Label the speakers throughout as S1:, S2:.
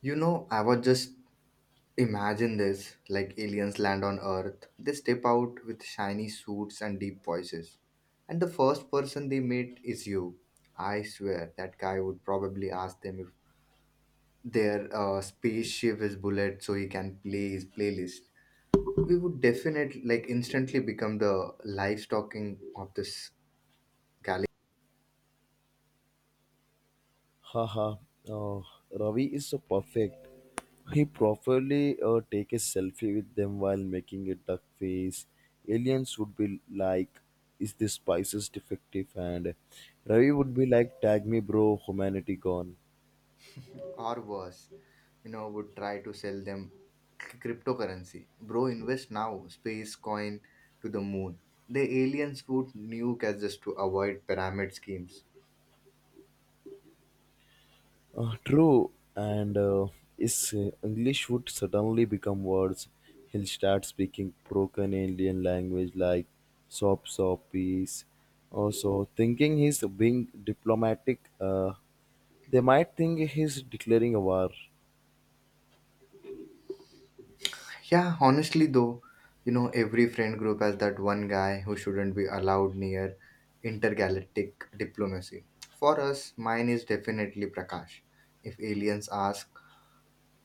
S1: You know, I was just imagine this, like, aliens land on Earth. They step out with shiny suits and deep voices. And the first person they meet is you. I swear that guy would probably ask them if their spaceship is bullet so he can play his playlist. We would definitely like instantly become the live talking of this galaxy.
S2: Haha, oh, Ravi is so perfect. He properly take a selfie with them while making a duck face. Aliens would be like, "Is this spices defective?" And Ravi would be like, "Tag me, bro. Humanity gone."
S1: Or worse, you know, would try to sell them cryptocurrency. Bro, invest now, space coin to the moon. The aliens would nuke us just to avoid pyramid schemes.
S2: True, and his English would suddenly become worse. He'll start speaking broken alien language like sop soppies. Also, thinking he's being diplomatic, they might think he's declaring a war.
S1: Yeah, honestly though, you know, every friend group has that one guy who shouldn't be allowed near intergalactic diplomacy. For us, mine is definitely Prakash. If aliens ask,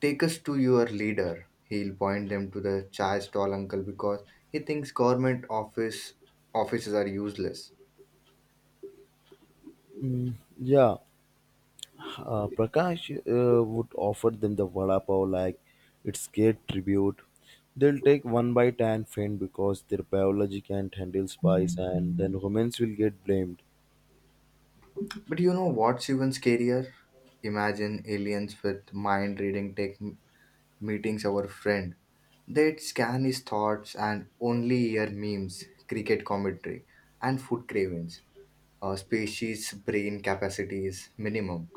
S1: take us to your leader, he'll point them to the chai stall uncle because he thinks government office offices are useless.
S2: Mm, yeah, Prakash would offer them the vada pav like its great tribute. They'll take one bite and faint because their biology can't handle spice, and then humans will get blamed.
S1: But you know what's even scarier? Imagine aliens with mind reading tech meetings our friend. They'd scan his thoughts and only hear memes, cricket commentary, and food cravings. A species brain capacity is minimum.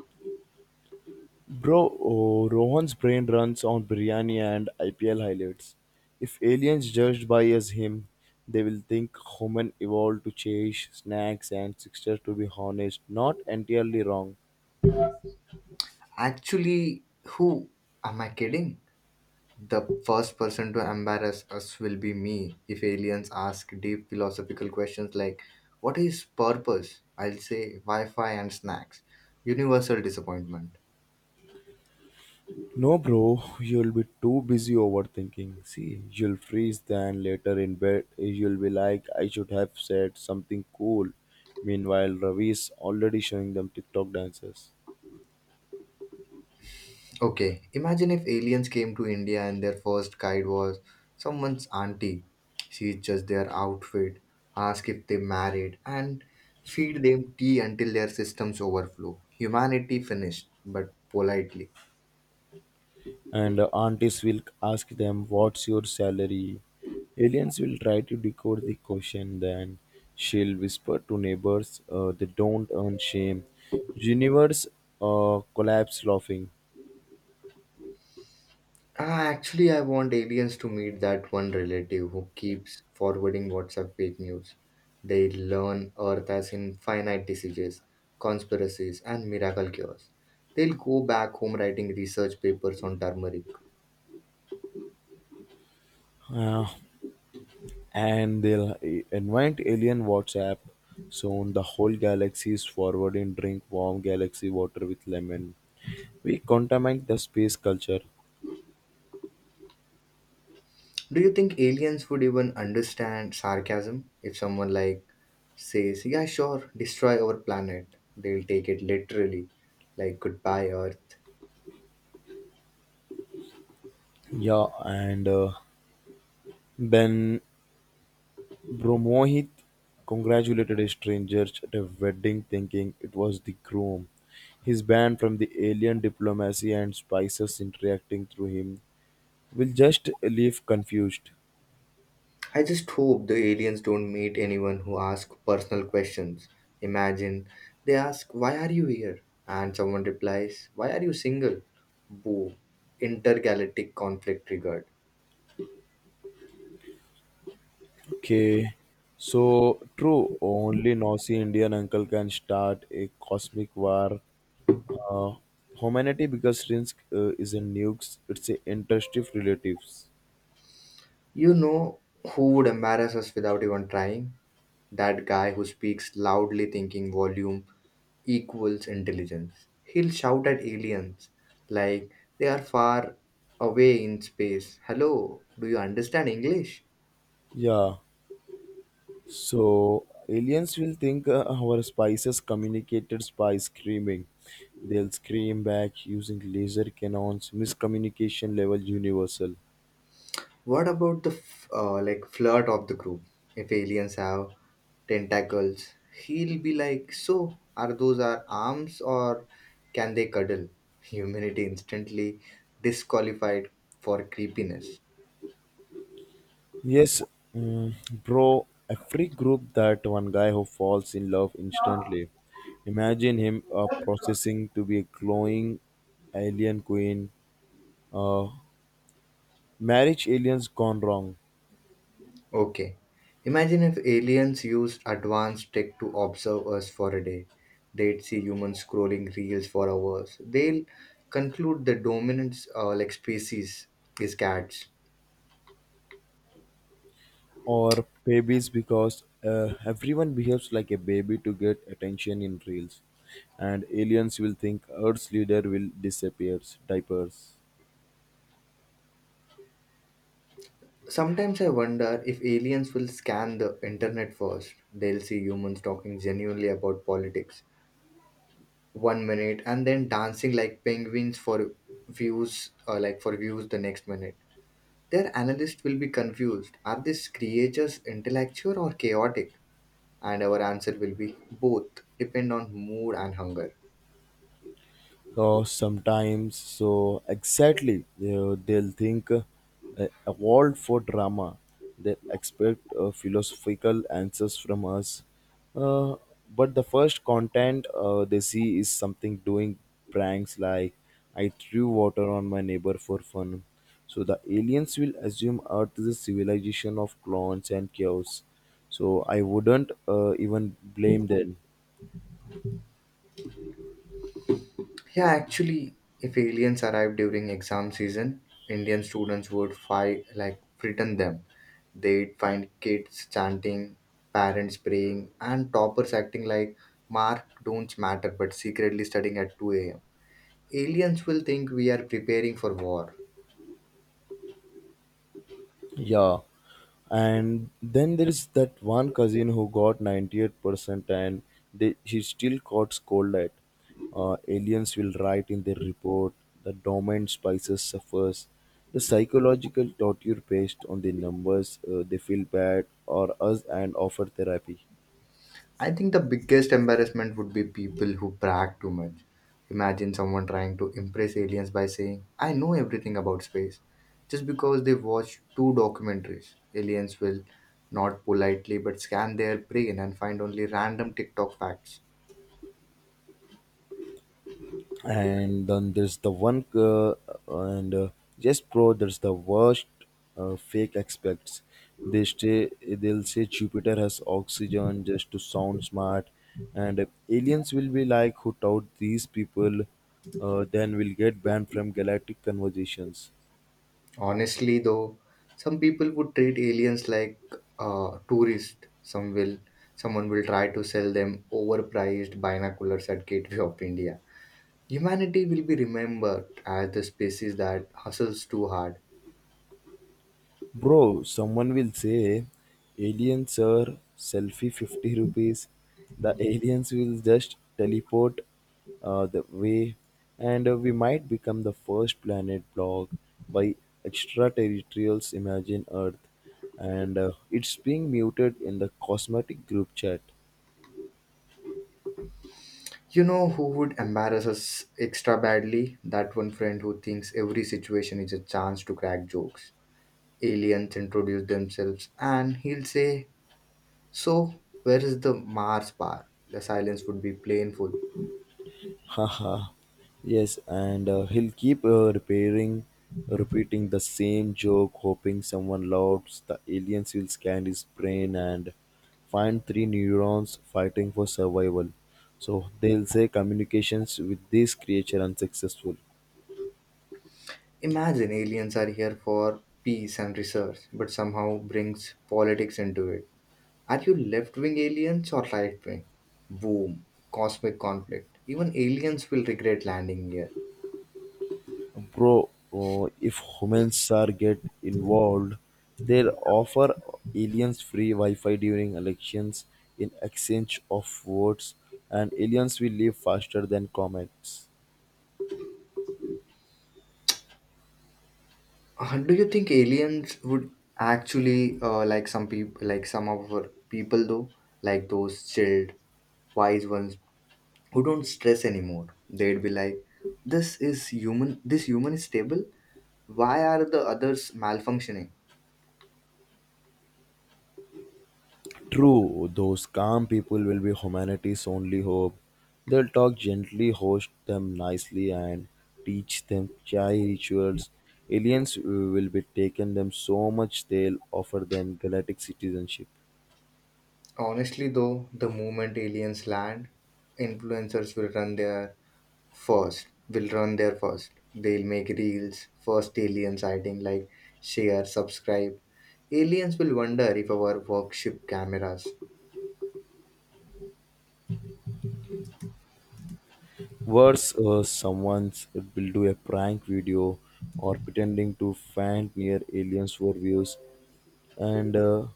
S2: Bro, oh, Rohan's brain runs on biryani and IPL highlights. If aliens judged by as him, they will think human evolved to chase snacks and sixers to be honest, not entirely wrong.
S1: Actually, who am I kidding? The first person to embarrass us will be me. If aliens ask deep philosophical questions like, what is purpose? I'll say Wi Fi and snacks. Universal disappointment.
S2: No bro, you'll be too busy overthinking. See, you'll freeze then later in bed you'll be like I should have said something cool. Meanwhile Ravi's already showing them TikTok dances.
S1: Okay, imagine if aliens came to India and their first guide was someone's auntie. She judged their outfit, asked if they married, and feed them tea until their systems overflow. Humanity finished, but politely.
S2: And aunties will ask them what's your salary. Aliens will try to decode the question, then she'll whisper to neighbors, they don't earn shame. Universe collapse laughing.
S1: Ah, actually, I want aliens to meet that one relative who keeps forwarding WhatsApp fake news. They learn Earth as infinite diseases, conspiracies, and miracle cures. They'll go back home writing research papers on turmeric.
S2: Uh, and they'll invite alien WhatsApp. Soon the whole galaxy is forwarding drink warm galaxy water with lemon. We contaminate the space culture.
S1: Do you think aliens would even understand sarcasm if someone like says, "Yeah, sure, destroy our planet"? They'll take it literally, like, "Goodbye, Earth."
S2: Yeah, and then Bromohit congratulated his strangers at a wedding thinking it was the groom. His band from the alien diplomacy and spices interacting through him will just leave confused.
S1: I just hope the aliens don't meet anyone who asks personal questions. Imagine they ask, why are you here? And someone replies, why are you single? Boo. Intergalactic conflict triggered.
S2: Okay, so true, only nosy Indian uncle can start a cosmic war. Uh, Humanity because Rinsk isn't nukes, it's a interest of relatives.
S1: You know who would embarrass us without even trying? That guy who speaks loudly thinking volume equals intelligence. He'll shout at aliens like they are far away in space. Hello, do you understand English?
S2: Yeah. So aliens will think our spices communicated by screaming. They'll scream back using laser cannons. Miscommunication level universal.
S1: What about the like flirt of the group? If aliens have tentacles, he'll be like, "So are those our arms, or can they cuddle?" Humanity instantly disqualified for creepiness.
S2: Yes, mm, bro. Every group that one guy who falls in love instantly. Imagine him processing to be a glowing alien queen. Uh, Marriage aliens gone wrong.
S1: Okay, imagine if aliens used advanced tech to observe us for a day. They'd see humans scrolling reels for hours. They'll conclude the dominant like species is cats.
S2: Or babies because everyone behaves like a baby to get attention in reels. And aliens will think earth's leader will disappear diapers.
S1: Sometimes I wonder if aliens will scan the internet first. They'll see humans talking genuinely about politics one minute and then dancing like penguins for views, or like for views the next minute. Their analysts will be confused. Are these creatures intellectual or chaotic? And our answer will be both, depend on mood and hunger.
S2: Sometimes so exactly they'll think a world for drama. They expect philosophical answers from us, uh, but the first content they see is something doing pranks like I threw water on my neighbor for fun. So the aliens will assume earth is a civilization of clones and chaos, so I wouldn't even blame them.
S1: Yeah, actually, if aliens arrived during exam season, Indian students would fight like frighten them. They'd find kids chanting, parents praying, and toppers acting like mark don't matter but secretly studying at 2 a.m. Aliens will think we are preparing for war.
S2: Yeah, and then there is that one cousin who got 98% and he still got scolded. Aliens will write in their report the dormant spices suffers. The psychological torture based on the numbers, they feel bad or us and offer therapy.
S1: I think the biggest embarrassment would be people who brag too much. Imagine someone trying to impress aliens by saying, I know everything about space, just because they watched two documentaries. Aliens will not politely but scan their brain and find only random TikTok facts.
S2: And then there's the one and Yes pro, there's the worst fake experts. They stay they'll say Jupiter has oxygen just to sound smart, and if aliens will be like who taught these people. Then we'll get banned from galactic conversations.
S1: Honestly though, some people would treat aliens like tourists. Someone will try to sell them overpriced binoculars at Gateway of India. Humanity will be remembered as the species that hustles too hard.
S2: Bro, someone will say, aliens sir, selfie 50 rupees. The aliens will just teleport the way, and we might become the first planet blocked by extraterrestrials. Imagine Earth, and it's being muted in the cosmetic group chat.
S1: You know who would embarrass us extra badly? That one friend who thinks every situation is a chance to crack jokes. Aliens introduce themselves and he'll say, so, where is the Mars bar? The silence would be painful.
S2: Haha. Yes, and he'll keep repeating the same joke, hoping someone laughs. The aliens will scan his brain and find three neurons fighting for survival. So they'll say communications with this creature unsuccessful.
S1: Imagine aliens are here for peace and research, but somehow brings politics into it. Are you left wing aliens or right wing? Boom. Cosmic conflict. Even aliens will regret landing here.
S2: Bro, if humans are get involved, they'll offer aliens free Wi-Fi during elections in exchange of votes, and aliens will leave faster than comets.
S1: Do you think aliens would actually like some people, like some of our people though, like those chilled, wise ones who don't stress anymore? They'd be like, "This is human. This human is stable. Why are the others malfunctioning?"
S2: True, those calm people will be humanity's only hope. They'll talk gently, host them nicely, and teach them chai rituals. Aliens will be taken them so much they'll offer them galactic citizenship.
S1: Honestly though, the moment aliens land, influencers will run their first. Will run their first. They'll make reels, first alien sighting, like share, subscribe. Aliens will wonder if our worship cameras.
S2: Worse, someone will do a prank video or pretending to find near aliens for views. And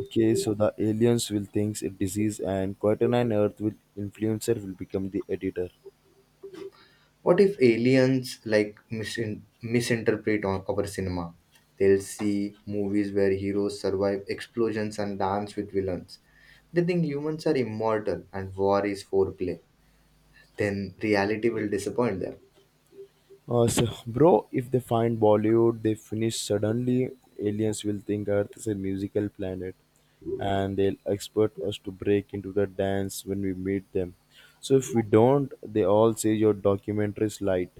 S2: okay, so the aliens will think it disease, and Quarter Earth will influencer will become the editor.
S1: What if aliens like misinterpret on our cinema? They'll see movies where heroes survive explosions and dance with villains. They think humans are immortal and war is foreplay. Then reality will disappoint them.
S2: So, bro, if they find Bollywood, they finish suddenly. Aliens will think Earth is a musical planet, and they'll expect us to break into the dance when we meet them. So if we don't, they all say your documentary is light.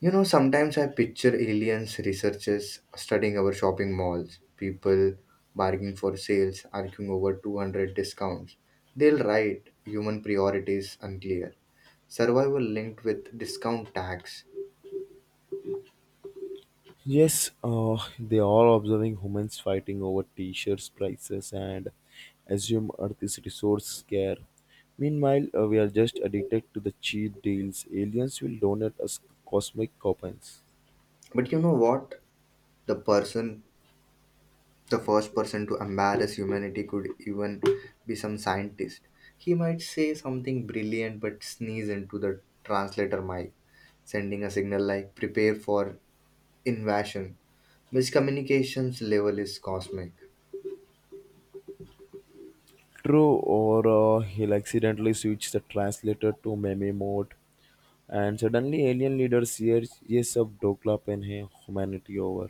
S1: You know, sometimes I picture aliens, researchers studying our shopping malls, people bargaining for sales, arguing over 200 discounts. They'll write human priorities unclear, survival linked with discount tax.
S2: Yes, they are observing humans fighting over t-shirts prices and assume Earth is resource scarce. Meanwhile, we are just addicted to the cheap deals. Aliens will donate us cosmic coupons.
S1: But you know what? The person, the first person to embarrass humanity could even be some scientist. He might say something brilliant but sneeze into the translator mic, sending a signal like prepare for invasion. Miscommunication's level is cosmic.
S2: True, or he'll accidentally switch the translator to meme mode, and suddenly alien leaders hear yes, ab dokla pen hai, humanity over.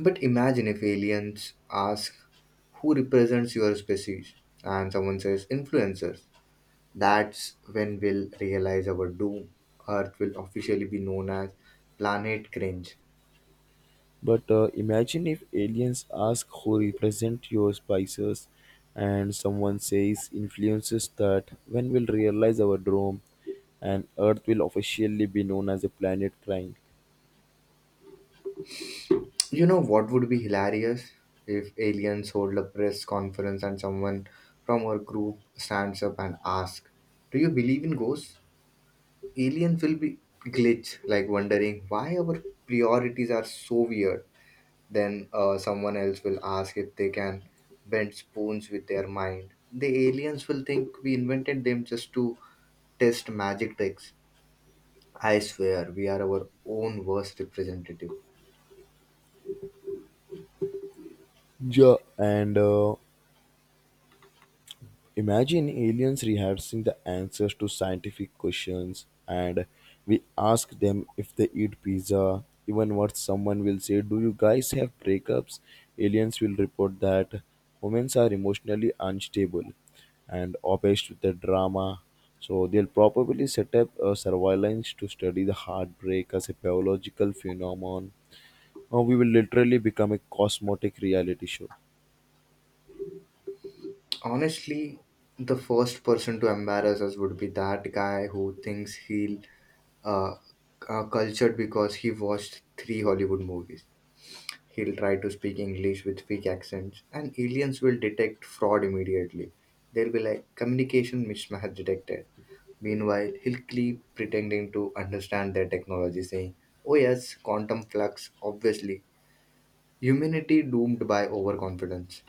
S1: But imagine if aliens ask who represents your species and someone says influencers. That's when we'll realize our doom. Earth will officially be known as Planet Cringe.
S2: But imagine if aliens ask who represent your spices and someone says influences that when we'll realize our doom, and earth will officially be known as a planet crying.
S1: You know what would be hilarious? If aliens hold a press conference and someone from our group stands up and asks, do you believe in ghosts? Aliens will be glitch, like wondering why our priorities are so weird. Then someone else will ask if they can bend spoons with their mind. The aliens will think we invented them just to test magic tricks. I swear, we are our own worst representative.
S2: Yeah. And imagine aliens rehearsing the answers to scientific questions and we ask them if they eat pizza. Even what someone will say, do you guys have breakups? Aliens will report that humans are emotionally unstable and obsessed with the drama. So they'll probably set up a surveillance to study the heartbreak as a biological phenomenon. Or we will literally become a cosmetic reality show.
S1: Honestly, the first person to embarrass us would be that guy who thinks he'll uh, cultured because he watched three Hollywood movies. He'll try to speak English with fake accents, and aliens will detect fraud immediately. They'll be like communication mismatch detected. Meanwhile, Hillcliffe pretending to understand their technology, saying, oh yes, quantum flux, obviously. Humanity doomed by overconfidence.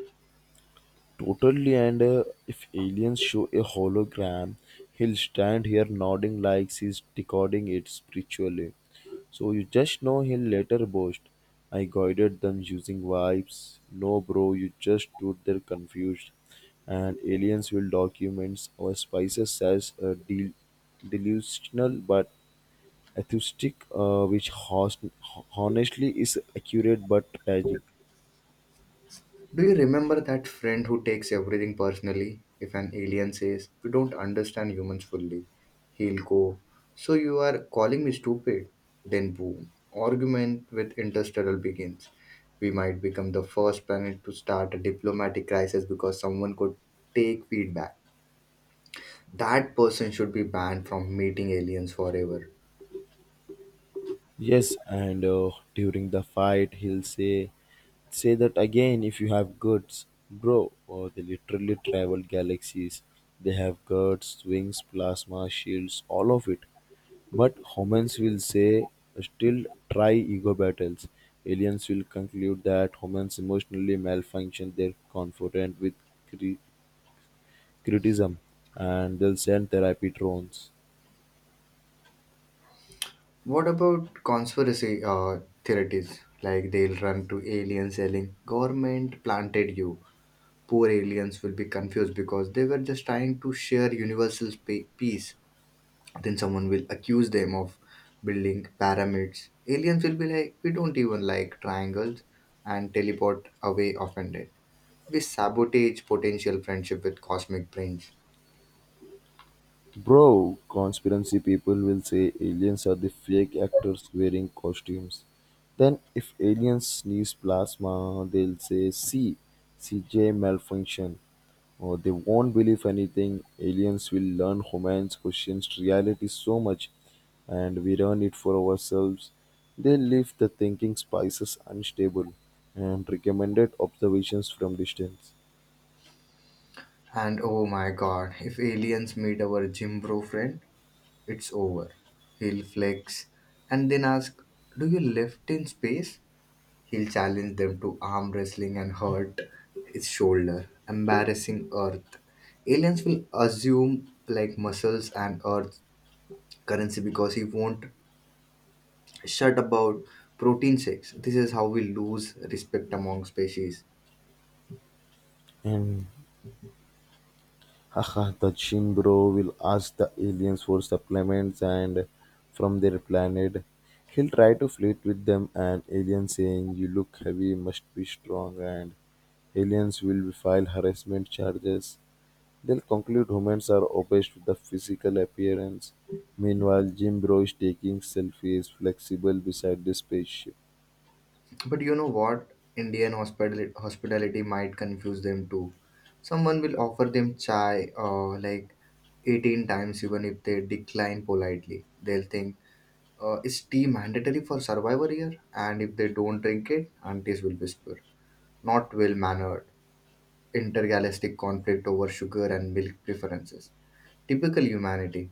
S2: Totally, and if aliens show a hologram, he'll stand here nodding like he's decoding it spiritually. So you just know he'll later boast, I guided them using vibes. No, bro, you just stood there confused. And aliens will documents our spices as a delusional but atheistic, which honestly is accurate but tragic.
S1: Do you remember that friend who takes everything personally? If an alien says, we don't understand humans fully, he'll go, so you are calling me stupid? Then boom, argument with interstellar begins. We might become the first planet to start a diplomatic crisis because someone could take feedback. That person should be banned from meeting aliens forever.
S2: Yes, and during the fight, he'll say, "Say that again if you have guts, bro." Or they literally travel galaxies. They have guts, wings, plasma shields, all of it. But humans will say, "Still try ego battles." Aliens will conclude that humans emotionally malfunction. They're confident with cri- criticism, and they'll send therapy drones.
S1: What about conspiracy theories? Like they'll run to aliens selling, government planted you. Poor aliens will be confused because they were just trying to share universal peace. Then someone will accuse them of building pyramids. Aliens will be like, we don't even like triangles and teleport away offended. We sabotage potential friendship with cosmic brains.
S2: Bro, conspiracy people will say aliens are the fake actors wearing costumes. Then, if aliens sneeze plasma, they'll say, C, C J malfunction. Or they won't believe anything. Aliens will learn humans questions reality so much, and we learn it for ourselves. They leave the thinking spices unstable and recommended observations from distance.
S1: And oh my god, if aliens meet our gym bro friend, it's over. He'll flex and then ask, do you lift in space? He'll challenge them to arm wrestling and hurt his shoulder, embarrassing Earth. Aliens will assume like muscles and Earth currency because he won't shut about protein shakes. This is how we lose respect among species.
S2: And Haha! The Shin Bro will ask the aliens for supplements and from their planet. He'll try to flirt with them and aliens saying you look heavy, must be strong, and aliens will file harassment charges. They'll conclude humans are obsessed with the physical appearance. Meanwhile, Jim Bro is taking selfies flexible beside the spaceship.
S1: But you know what? Indian hospitality might confuse them too. Someone will offer them chai like 18 times, even if they decline politely. They'll think, is tea mandatory for survivor here? And if they don't drink it, aunties will whisper, not well mannered. Intergalactic conflict over sugar and milk preferences. Typical humanity.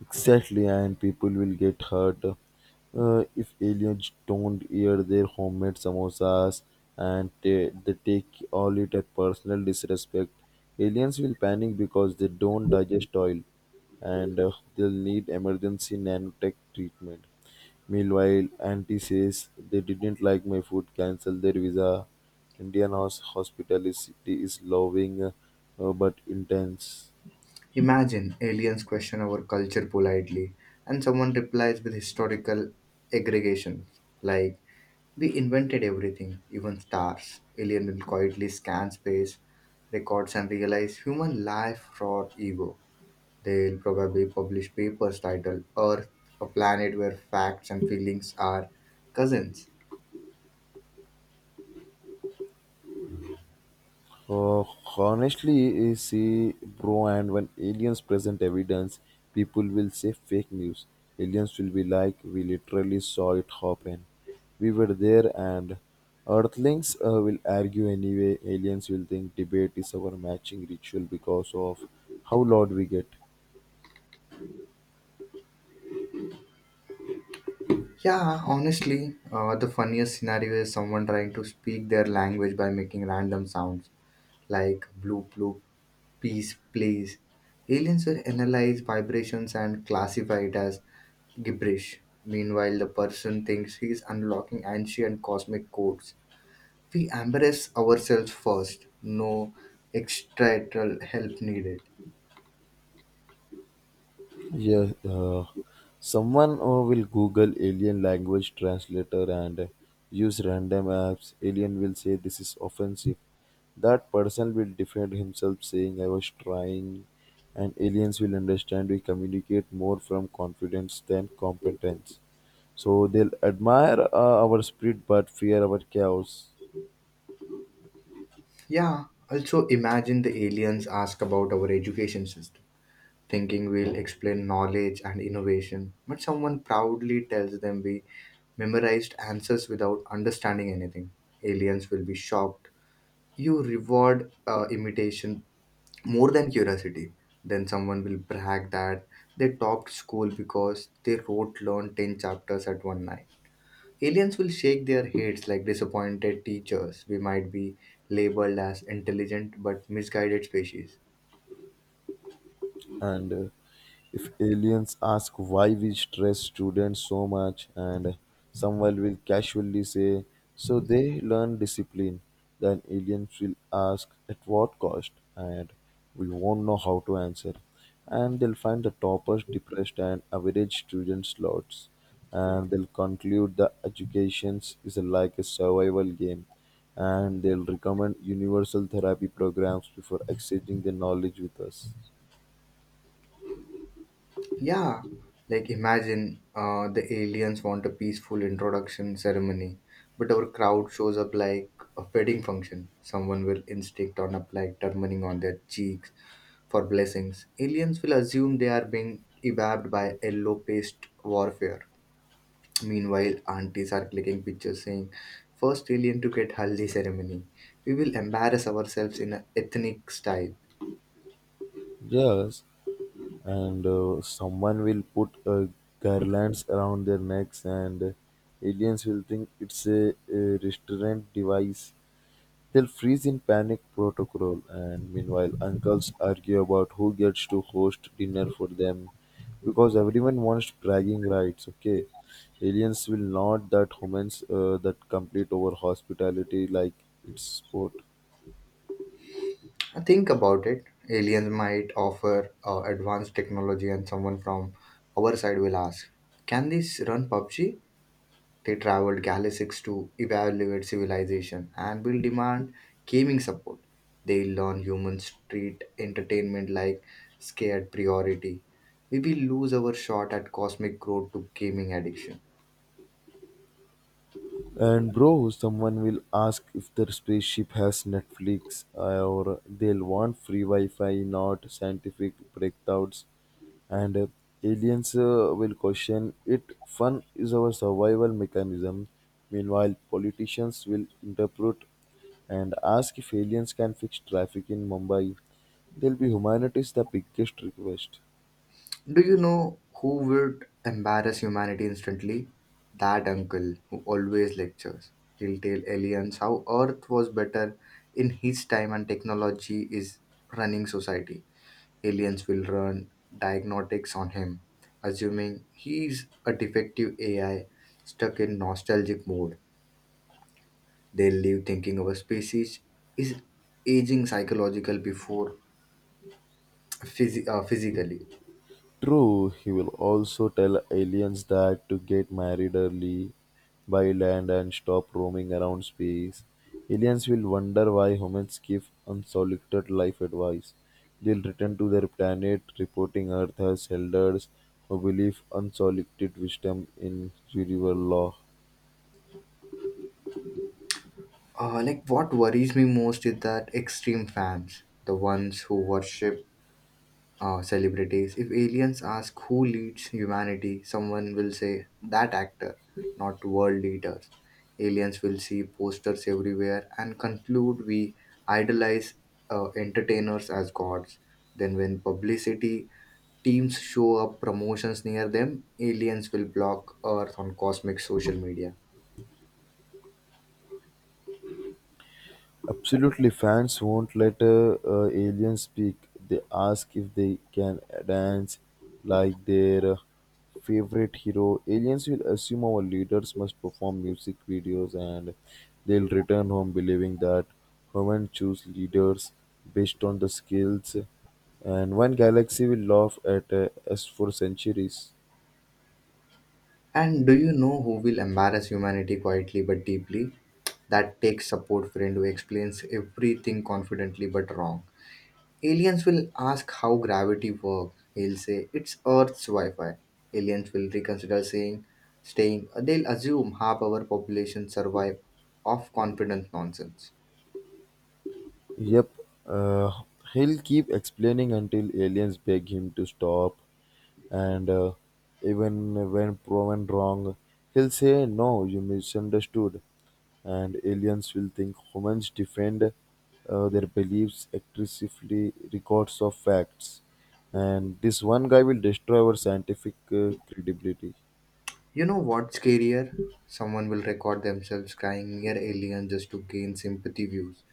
S2: Exactly, and people will get hurt if aliens don't eat their homemade samosas and they take all it as personal disrespect. Aliens will panic because they don't digest oil, and they'll need emergency nanotech treatment. Meanwhile, auntie says they didn't like my food, cancel their visa. Indian hospitality is loving, but intense.
S1: Imagine aliens question our culture politely, and someone replies with historical aggregations like, we invented everything, even stars. Alien will quietly scan space, records and realize human life for ego. They'll probably publish papers titled Earth, a planet where facts and feelings are cousins.
S2: Uh, Honestly, eh, see, bro, and when aliens present evidence, people will say fake news. Aliens will be like, we literally saw it happen. We were there, and Earthlings will argue anyway. Aliens will think debate is our matching ritual because of how loud we get.
S1: Yeah honestly, the funniest scenario is someone trying to speak their language by making random sounds like bloop bloop. Peace, please. Aliens will analyze vibrations and classify it as gibberish. Meanwhile, the person thinks he is unlocking ancient cosmic codes. We embrace ourselves first, no extraterrestrial help needed.
S2: Yeah, someone will Google alien language translator and use random apps. Alien will say this is offensive. That person will defend himself saying I was trying, and aliens will understand we communicate more from confidence than competence. So they'll admire our spirit but fear our chaos.
S1: Yeah, also imagine the aliens ask about our education system, thinking we'll explain knowledge and innovation, but someone proudly tells them we memorized answers without understanding anything. Aliens will be shocked you reward imitation more than curiosity. Then someone will brag that they topped school because they wrote learned 10 chapters at one night. Aliens will shake their heads like disappointed teachers. We might be labeled as intelligent but misguided species.
S2: And if aliens ask why we stress students so much, and someone will casually say so they learn discipline, then aliens will ask at what cost, and we won't know how to answer. And they'll find the toppers depressed and average students slots, and they'll conclude the educations is like a survival game, and they'll recommend universal therapy programs before exchanging their knowledge with us.
S1: Yeah, like imagine the aliens want a peaceful introduction ceremony, but our crowd shows up like a wedding function. Someone will instinct on up like turmeric on their cheeks for blessings. Aliens will assume they are being evapped by yellow paste warfare. Meanwhile, aunties are clicking pictures saying, "First alien to get haldi ceremony." We will embarrass ourselves in an ethnic style.
S2: Yes, and someone will put garlands around their necks, and aliens will think it's a restraint device. They'll freeze in panic protocol, and meanwhile uncles argue about who gets to host dinner for them because everyone wants bragging rights. Okay, aliens will not that humans that complete over hospitality like it's sport.
S1: And think about it. Aliens might offer advanced technology, and someone from our side will ask, can these run PUBG? They traveled galaxies to evaluate civilization and will demand gaming support. They learn humans treat entertainment like scared priority. We will lose our shot at cosmic growth to gaming addiction.
S2: And bro, someone will ask if their spaceship has Netflix or they'll want free Wi-Fi, not scientific breakouts. And aliens will question it. Fun is our survival mechanism. Meanwhile, politicians will interpret and ask if aliens can fix traffic in Mumbai. They'll be humanity's the biggest request.
S1: Do you know who would embarrass humanity instantly? That uncle who always lectures. He'll tell aliens how Earth was better in his time and technology is running society. Aliens will run diagnostics on him, assuming he's a defective AI stuck in nostalgic mode. They live thinking our species is aging psychological before physically.
S2: True, he will also tell aliens that to get married early, buy land, and stop roaming around space. Aliens will wonder why humans give unsolicited life advice. They'll return to their planet, reporting Earth as elders who believe unsolicited wisdom in universal law.
S1: Like what worries me most is that extreme fans, the ones who worship celebrities. If aliens ask who leads humanity, someone will say that actor, not world leaders. Aliens will see posters everywhere and conclude we idolize entertainers as gods. Then, when publicity teams show up promotions near them, aliens will block Earth on cosmic social media.
S2: Absolutely, fans won't let aliens speak. They ask if they can dance like their favorite hero. Aliens will assume our leaders must perform music videos, and they'll return home believing that humans choose leaders based on the skills. And one galaxy will laugh at us for centuries.
S1: And do you know who will embarrass humanity quietly but deeply? That tech support friend who explains everything confidently but wrong. Aliens will ask how gravity works. He'll say it's Earth's Wi-Fi. Aliens will reconsider saying staying. They'll assume half our population survive off confident nonsense.
S2: Yep, uh, he'll keep explaining until aliens beg him to stop, and even when proven wrong, he'll say, no, you misunderstood. And aliens will think humans defend their beliefs aggressively, records of facts. And this one guy will destroy our scientific credibility.
S1: You know what's scarier? Someone will record themselves crying near aliens just to gain sympathy views.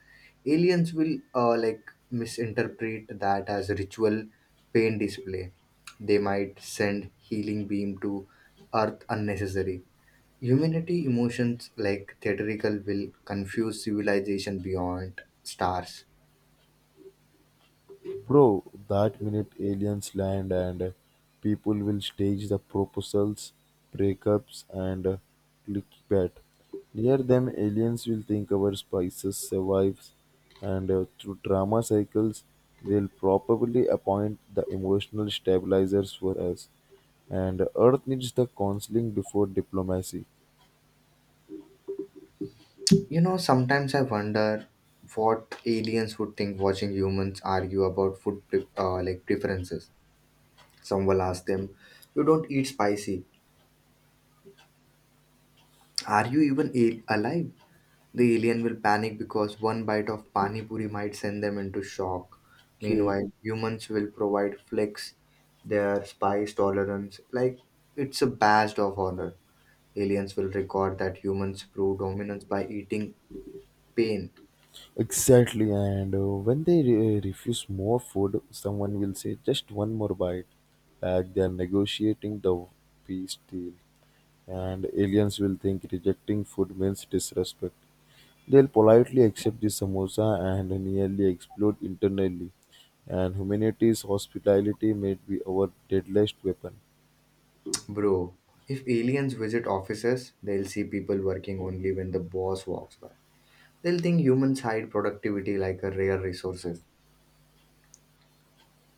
S1: Aliens will like misinterpret that as ritual pain display. They might send healing beam to earth unnecessary. Humanity emotions like theatrical will confuse civilization beyond stars.
S2: Bro, that minute aliens land and people will stage the proposals, breakups, and clickbait. Near them, aliens will think our spices survives, and through drama cycles, they'll probably appoint the emotional stabilizers for us. And Earth needs the counseling before diplomacy.
S1: You know, sometimes I wonder what aliens would think watching humans argue about food like preferences. Some will ask them, you don't eat spicy, are you even alive? The alien will panic because one bite of pani puri might send them into shock.
S2: Okay.
S1: Meanwhile, humans will provide flex their spice tolerance like it's a badge of honor. Aliens will record that humans prove dominance by eating pain.
S2: Exactly, and when they refuse more food, someone will say just one more bite, like they are negotiating the peace deal. And aliens will think rejecting food means disrespect. They'll politely accept the samosa and nearly explode internally. And humanity's hospitality may be our deadliest weapon.
S1: Bro, if aliens visit offices, they'll see people working only when the boss walks by. They'll think humans hide productivity like a rare resource.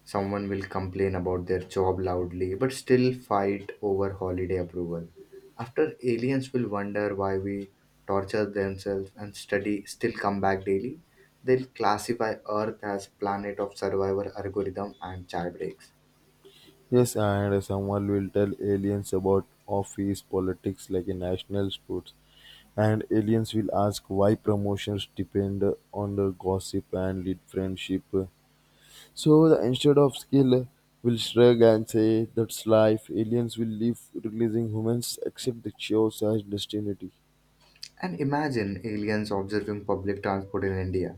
S1: Someone will complain about their job loudly but still fight over holiday approval. After aliens will wonder why we torture themselves and study still come back daily, they'll classify Earth as planet of survivor algorithm and child breaks.
S2: Yes, and someone will tell aliens about office politics like in national sports, and aliens will ask why promotions depend on the gossip and lead friendship. So the instead of skill will shrug and say that's life. Aliens will leave, releasing humans accept the chaos as destiny.
S1: And imagine aliens observing public transport in India,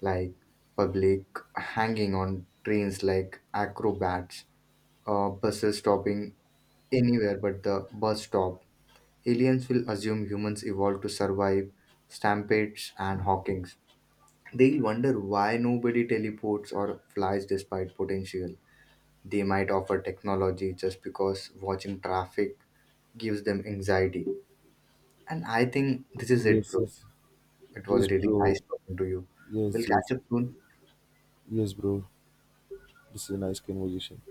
S1: like public hanging on trains like acrobats, buses stopping anywhere but the bus stop. Aliens will assume humans evolved to survive stampedes and hawkings. They'll wonder why nobody teleports or flies despite potential. They might offer technology just because watching traffic gives them anxiety. And I think this is it,
S2: Yes,
S1: bro.
S2: yes,
S1: It
S2: yes,
S1: was really
S2: bro.
S1: nice talking to you. We'll
S2: Yes,
S1: catch
S2: yes,
S1: up soon.
S2: yes, bro. This is a nice conversation.